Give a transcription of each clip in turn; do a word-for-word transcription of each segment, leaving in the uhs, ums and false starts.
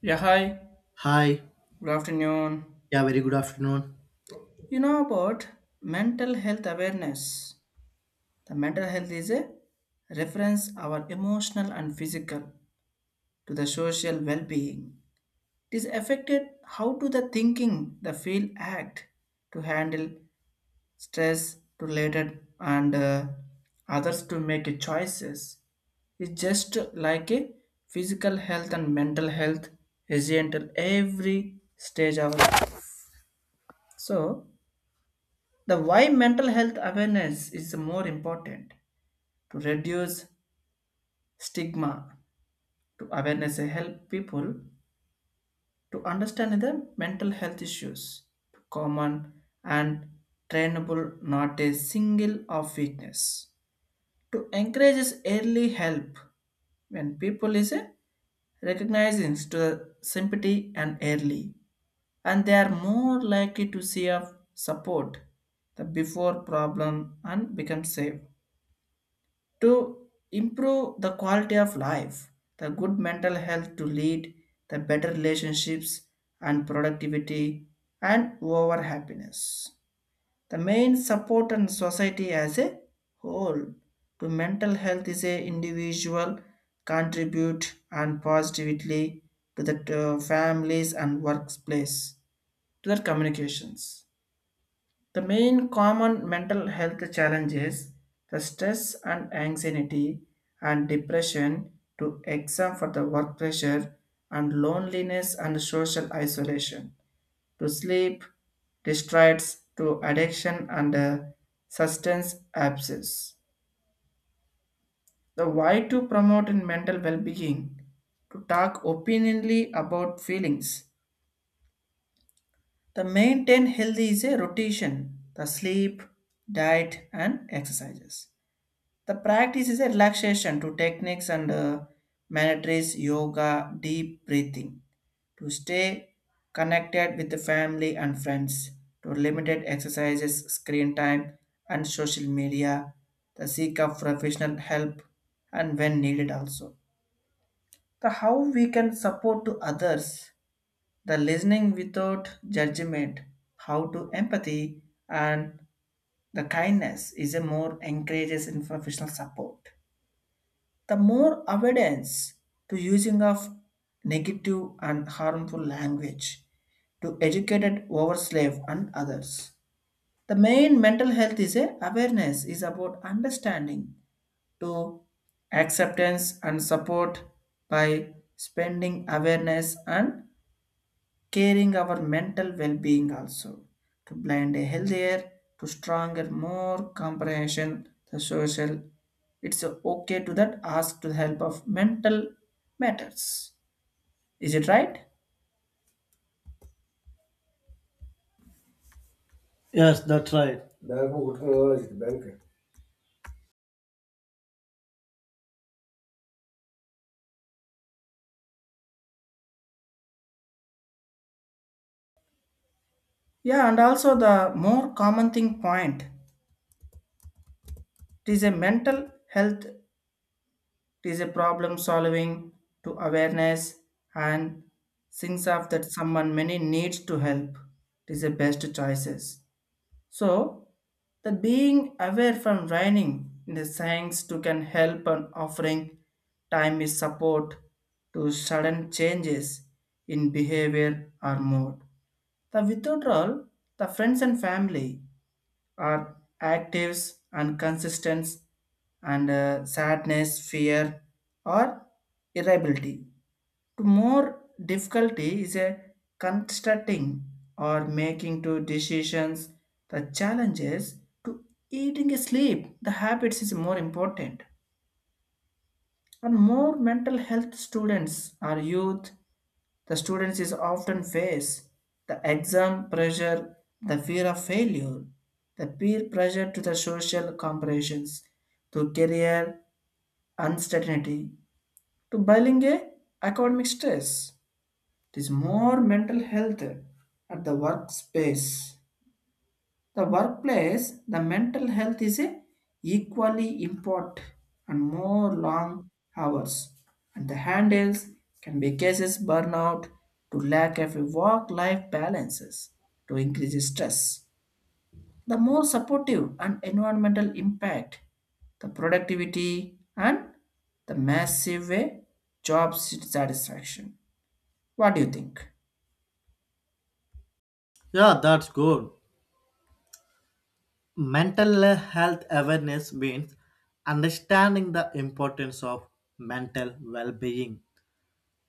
Yeah, hi. Hi. Good afternoon. Yeah, very good afternoon. You know about mental health awareness. The mental health is a reference our emotional and physical to the social well-being. It is affected how to the thinking, the feel, act to handle stress, to related and uh, others to make a choices. It's just like a physical health, and mental health is at every stage of so. The why mental health awareness is more important to reduce stigma, to awareness and help people to understand the mental health issues, common and trainable, not a single of weakness. To encourage is early help when people is a recognizing to the sympathy and early, and they are more likely to see of support the before problem and become safe, to improve the quality of life, the good mental health to lead the better relationships and productivity and over happiness. The main support and society as a whole to mental health is a individual contribute and positively to the uh, families and workplace to their communications. The main common mental health challenges, the stress and anxiety and depression to exam for the work pressure and loneliness and social isolation to sleep distress, to addiction and uh, substance abuse. The why to promote in mental well-being, to talk opinionally about feelings. The maintain healthy is a rotation, the sleep, diet and exercises. The practice is a relaxation to techniques and uh, mantras, yoga, deep breathing, to stay connected with the family and friends, to limited exercises, screen time, and social media, the seek of professional help, and when needed also. The how we can support to others, the listening without judgment, how to empathy, and the kindness is a more encourages in professional support, the more avoidance to using of negative and harmful language to educated over slave and others. The main mental health is a awareness is about understanding to acceptance and support by spending awareness and caring our mental well-being also to blend a healthier to stronger more comprehension the social. It's okay to that ask to the help of mental matters. Is it right? Yes, that's right. Merhaba Utku ne var işte. Yeah, and also the more common thing point, it is a mental health, it is a problem solving to awareness and things of that someone many needs to help, it is the best choices. So, the being aware from running in the science to can help on offering time is support to sudden changes in behavior or mood. The withdrawal, the friends and family are actives and consistent and uh, sadness, fear or irritability. To more difficulty is a constructing or making to decisions, the challenges to eating a sleep the habits is more important, and more mental health students or youth, the students is often face the exam pressure, the fear of failure, the peer pressure to the social comparisons, to career uncertainty, to bilingual academic stress. It is more mental health at the workspace. The workplace, the mental health is a equally important and more long hours. And the handles can be cases burnout to lack of work-life balances to increase stress. The more supportive and environmental impact, the productivity and the massive way job satisfaction. What do you think? Yeah, that's good. Mental health awareness means understanding the importance of mental well being,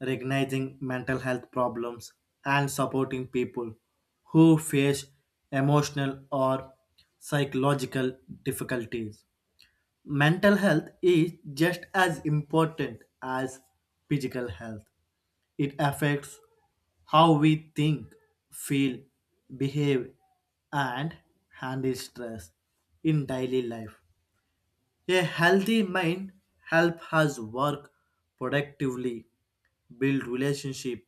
recognizing mental health problems, and supporting people who face emotional or psychological difficulties. Mental health is just as important as physical health. It affects how we think, feel, behave, and handle stress in daily life. A healthy mind helps us work productively, build relationship,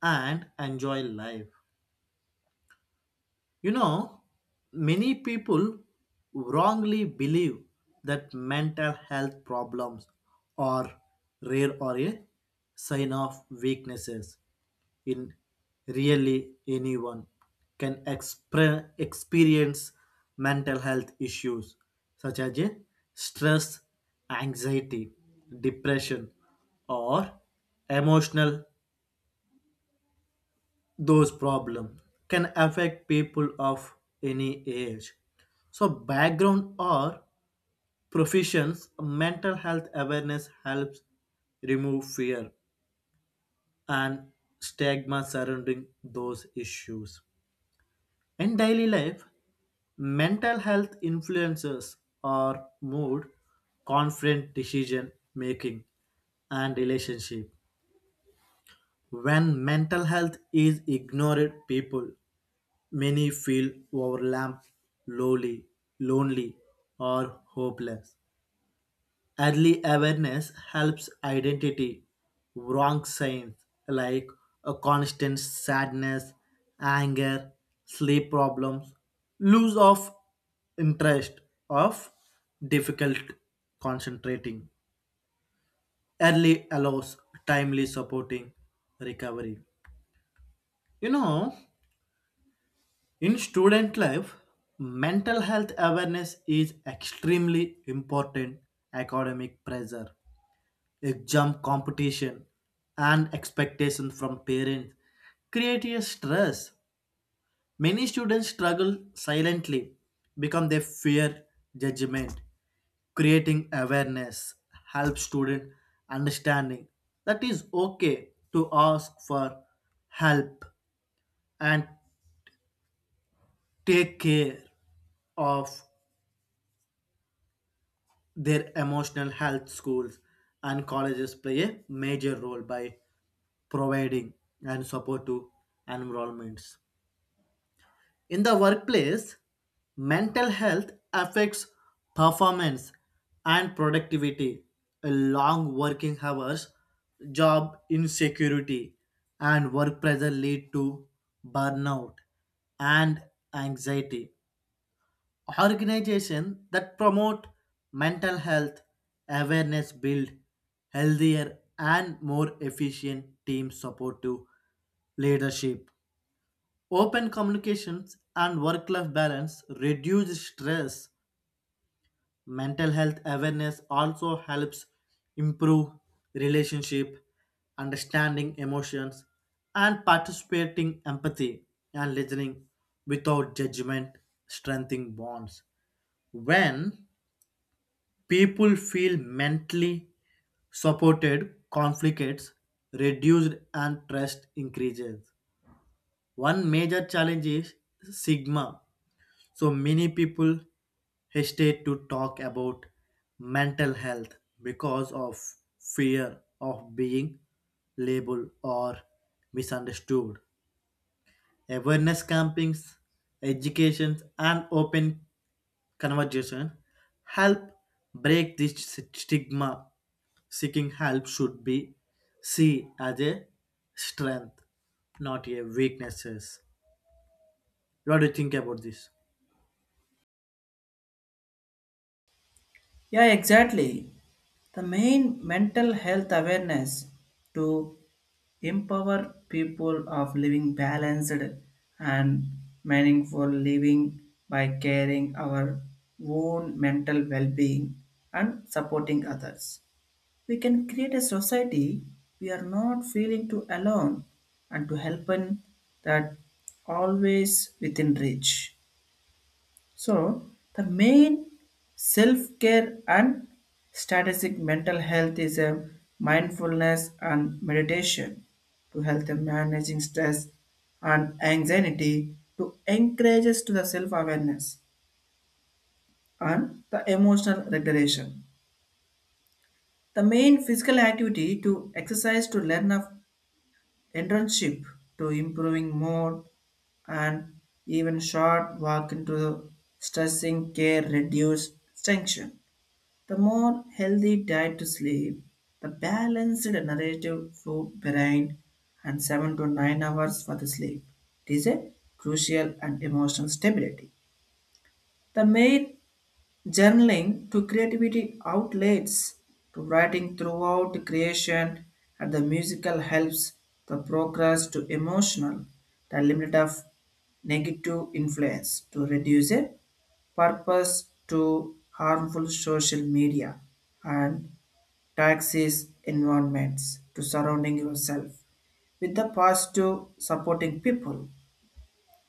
and enjoy life. You know, many people wrongly believe that mental health problems are rare or a sign of weaknesses in really anyone can expre- experience mental health issues such as a stress, anxiety, depression, or emotional those problems can affect people of any age. So background or professions, mental health awareness helps remove fear and stigma surrounding those issues. In daily life, mental health influences our mood, confident decision making, and relationship. When mental health is ignored, people many feel overwhelmed, lonely, lonely, or hopeless. Early awareness helps identity wrong signs like a constant sadness, anger, sleep problems, loss of interest, of difficult concentrating. Early allows timely supporting recovery. You know, in student life, mental health awareness is extremely important. Academic pressure, exam competition, and expectation from parents create a stress. Many students struggle silently because they fear judgment. Creating awareness helps student understanding that is okay to ask for help and take care of their emotional health schools and colleges play a major role by providing and support to environments. In the workplace, mental health affects performance and productivity. A long working hours, job insecurity, and work pressure lead to burnout and anxiety organization that promote mental health awareness build healthier and more efficient team support to leadership open communications and work life balance reduce stress. Mental health awareness also helps improve relationship understanding emotions and participating empathy and listening without judgment strengthening bonds when people feel mentally supported, conflicts reduced, and trust increases. One major challenge is stigma. So many people hesitate to talk about mental health because of fear of being labeled or misunderstood. Awareness campaigns, education, and open conversation help break this stigma. Seeking help should be seen as a strength, not a weaknesses. What do you think about this? Yeah, exactly. The main mental health awareness to empower people of living balanced and meaningful living by caring our own mental well-being and supporting others. We can create a society we are not feeling to alone and to help in that always within reach. So, the main self care and strategic mental health is a mindfulness and meditation to help them managing stress and anxiety to encourage us to the self awareness and the emotional regulation. The main physical activity to exercise to learn of internship to improving more and even short walk into stressing care reduce tension. The more healthy diet to sleep, the balanced narrative flow behind and seven to nine hours for the sleep. It is a crucial and emotional stability. The main journaling to creativity outlets, to writing throughout the creation and the musical helps the progress to emotional, the limit of negative influence to reduce a purpose to harmful social media and taxis environments to surrounding yourself with the positive supporting people.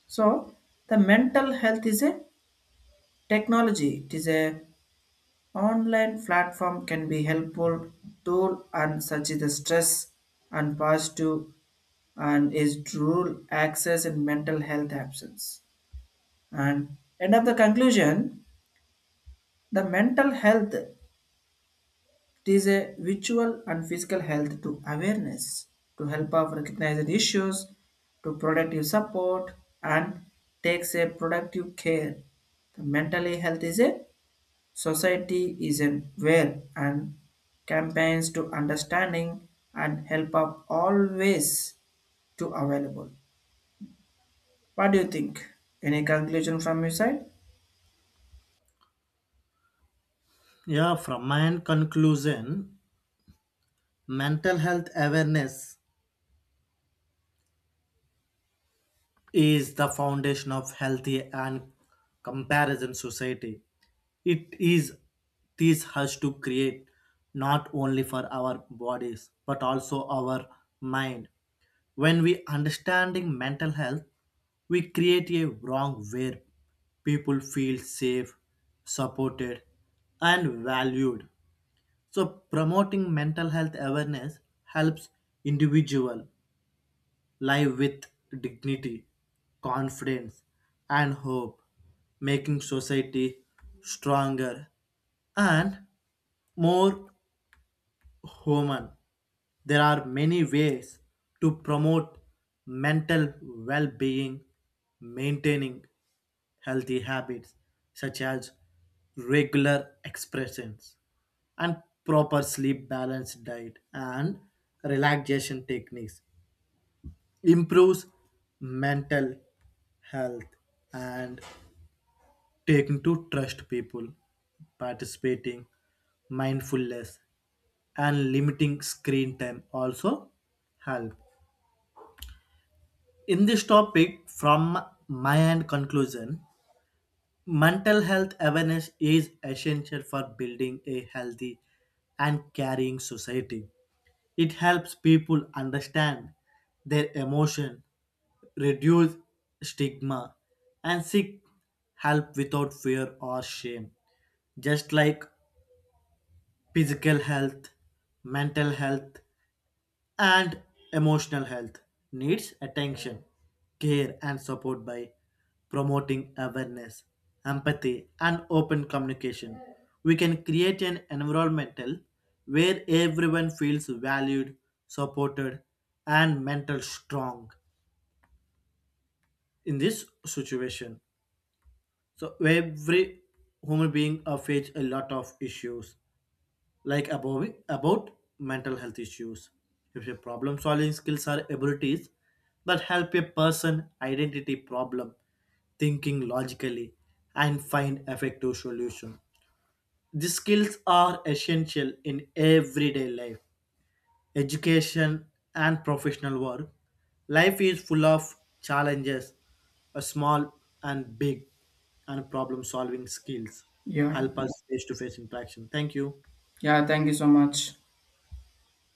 So the mental health is a technology, it is a online platform can be helpful tool and such is the stress and positive and is dual access in mental health absence. And end of the conclusion, the mental health, it is a virtual and physical health to awareness to help us recognize the issues, to productive support, and takes a productive care. The mentally health is a society is aware and campaigns to understanding and help are always to available. What do you think? Any conclusion from your side? Yeah, from my end conclusion, mental health awareness is the foundation of healthy and comparison society. It is this has to create not only for our bodies but also our mind. When we understanding mental health, we create a wrong where people feel safe, supported, and valued. So promoting mental health awareness helps individual live with dignity, confidence, and hope, making society stronger and more human. There are many ways to promote mental well being, maintaining healthy habits such as regular expressions and proper sleep balanced diet and relaxation techniques improves mental health and taking to trust people participating mindfulness and limiting screen time also help in this topic. From my end conclusion, mental health awareness is essential for building a healthy and caring society. It helps people understand their emotion, reduce stigma, and seek help without fear or shame. Just like physical health, mental health, and emotional health needs attention, care, and support by promoting awareness, empathy, and open communication. We can create an environmental where everyone feels valued, supported, and mental strong. In this situation, so every human being uh, face a lot of issues like above, about mental health issues. If your problem solving skills are abilities that help a person identify problem, thinking logically, and find effective solution. These skills are essential in everyday life, education, and professional work. Life is full of challenges, a small and big, and problem solving skills Yeah. help us face to face interaction. Thank you. Yeah, thank you so much.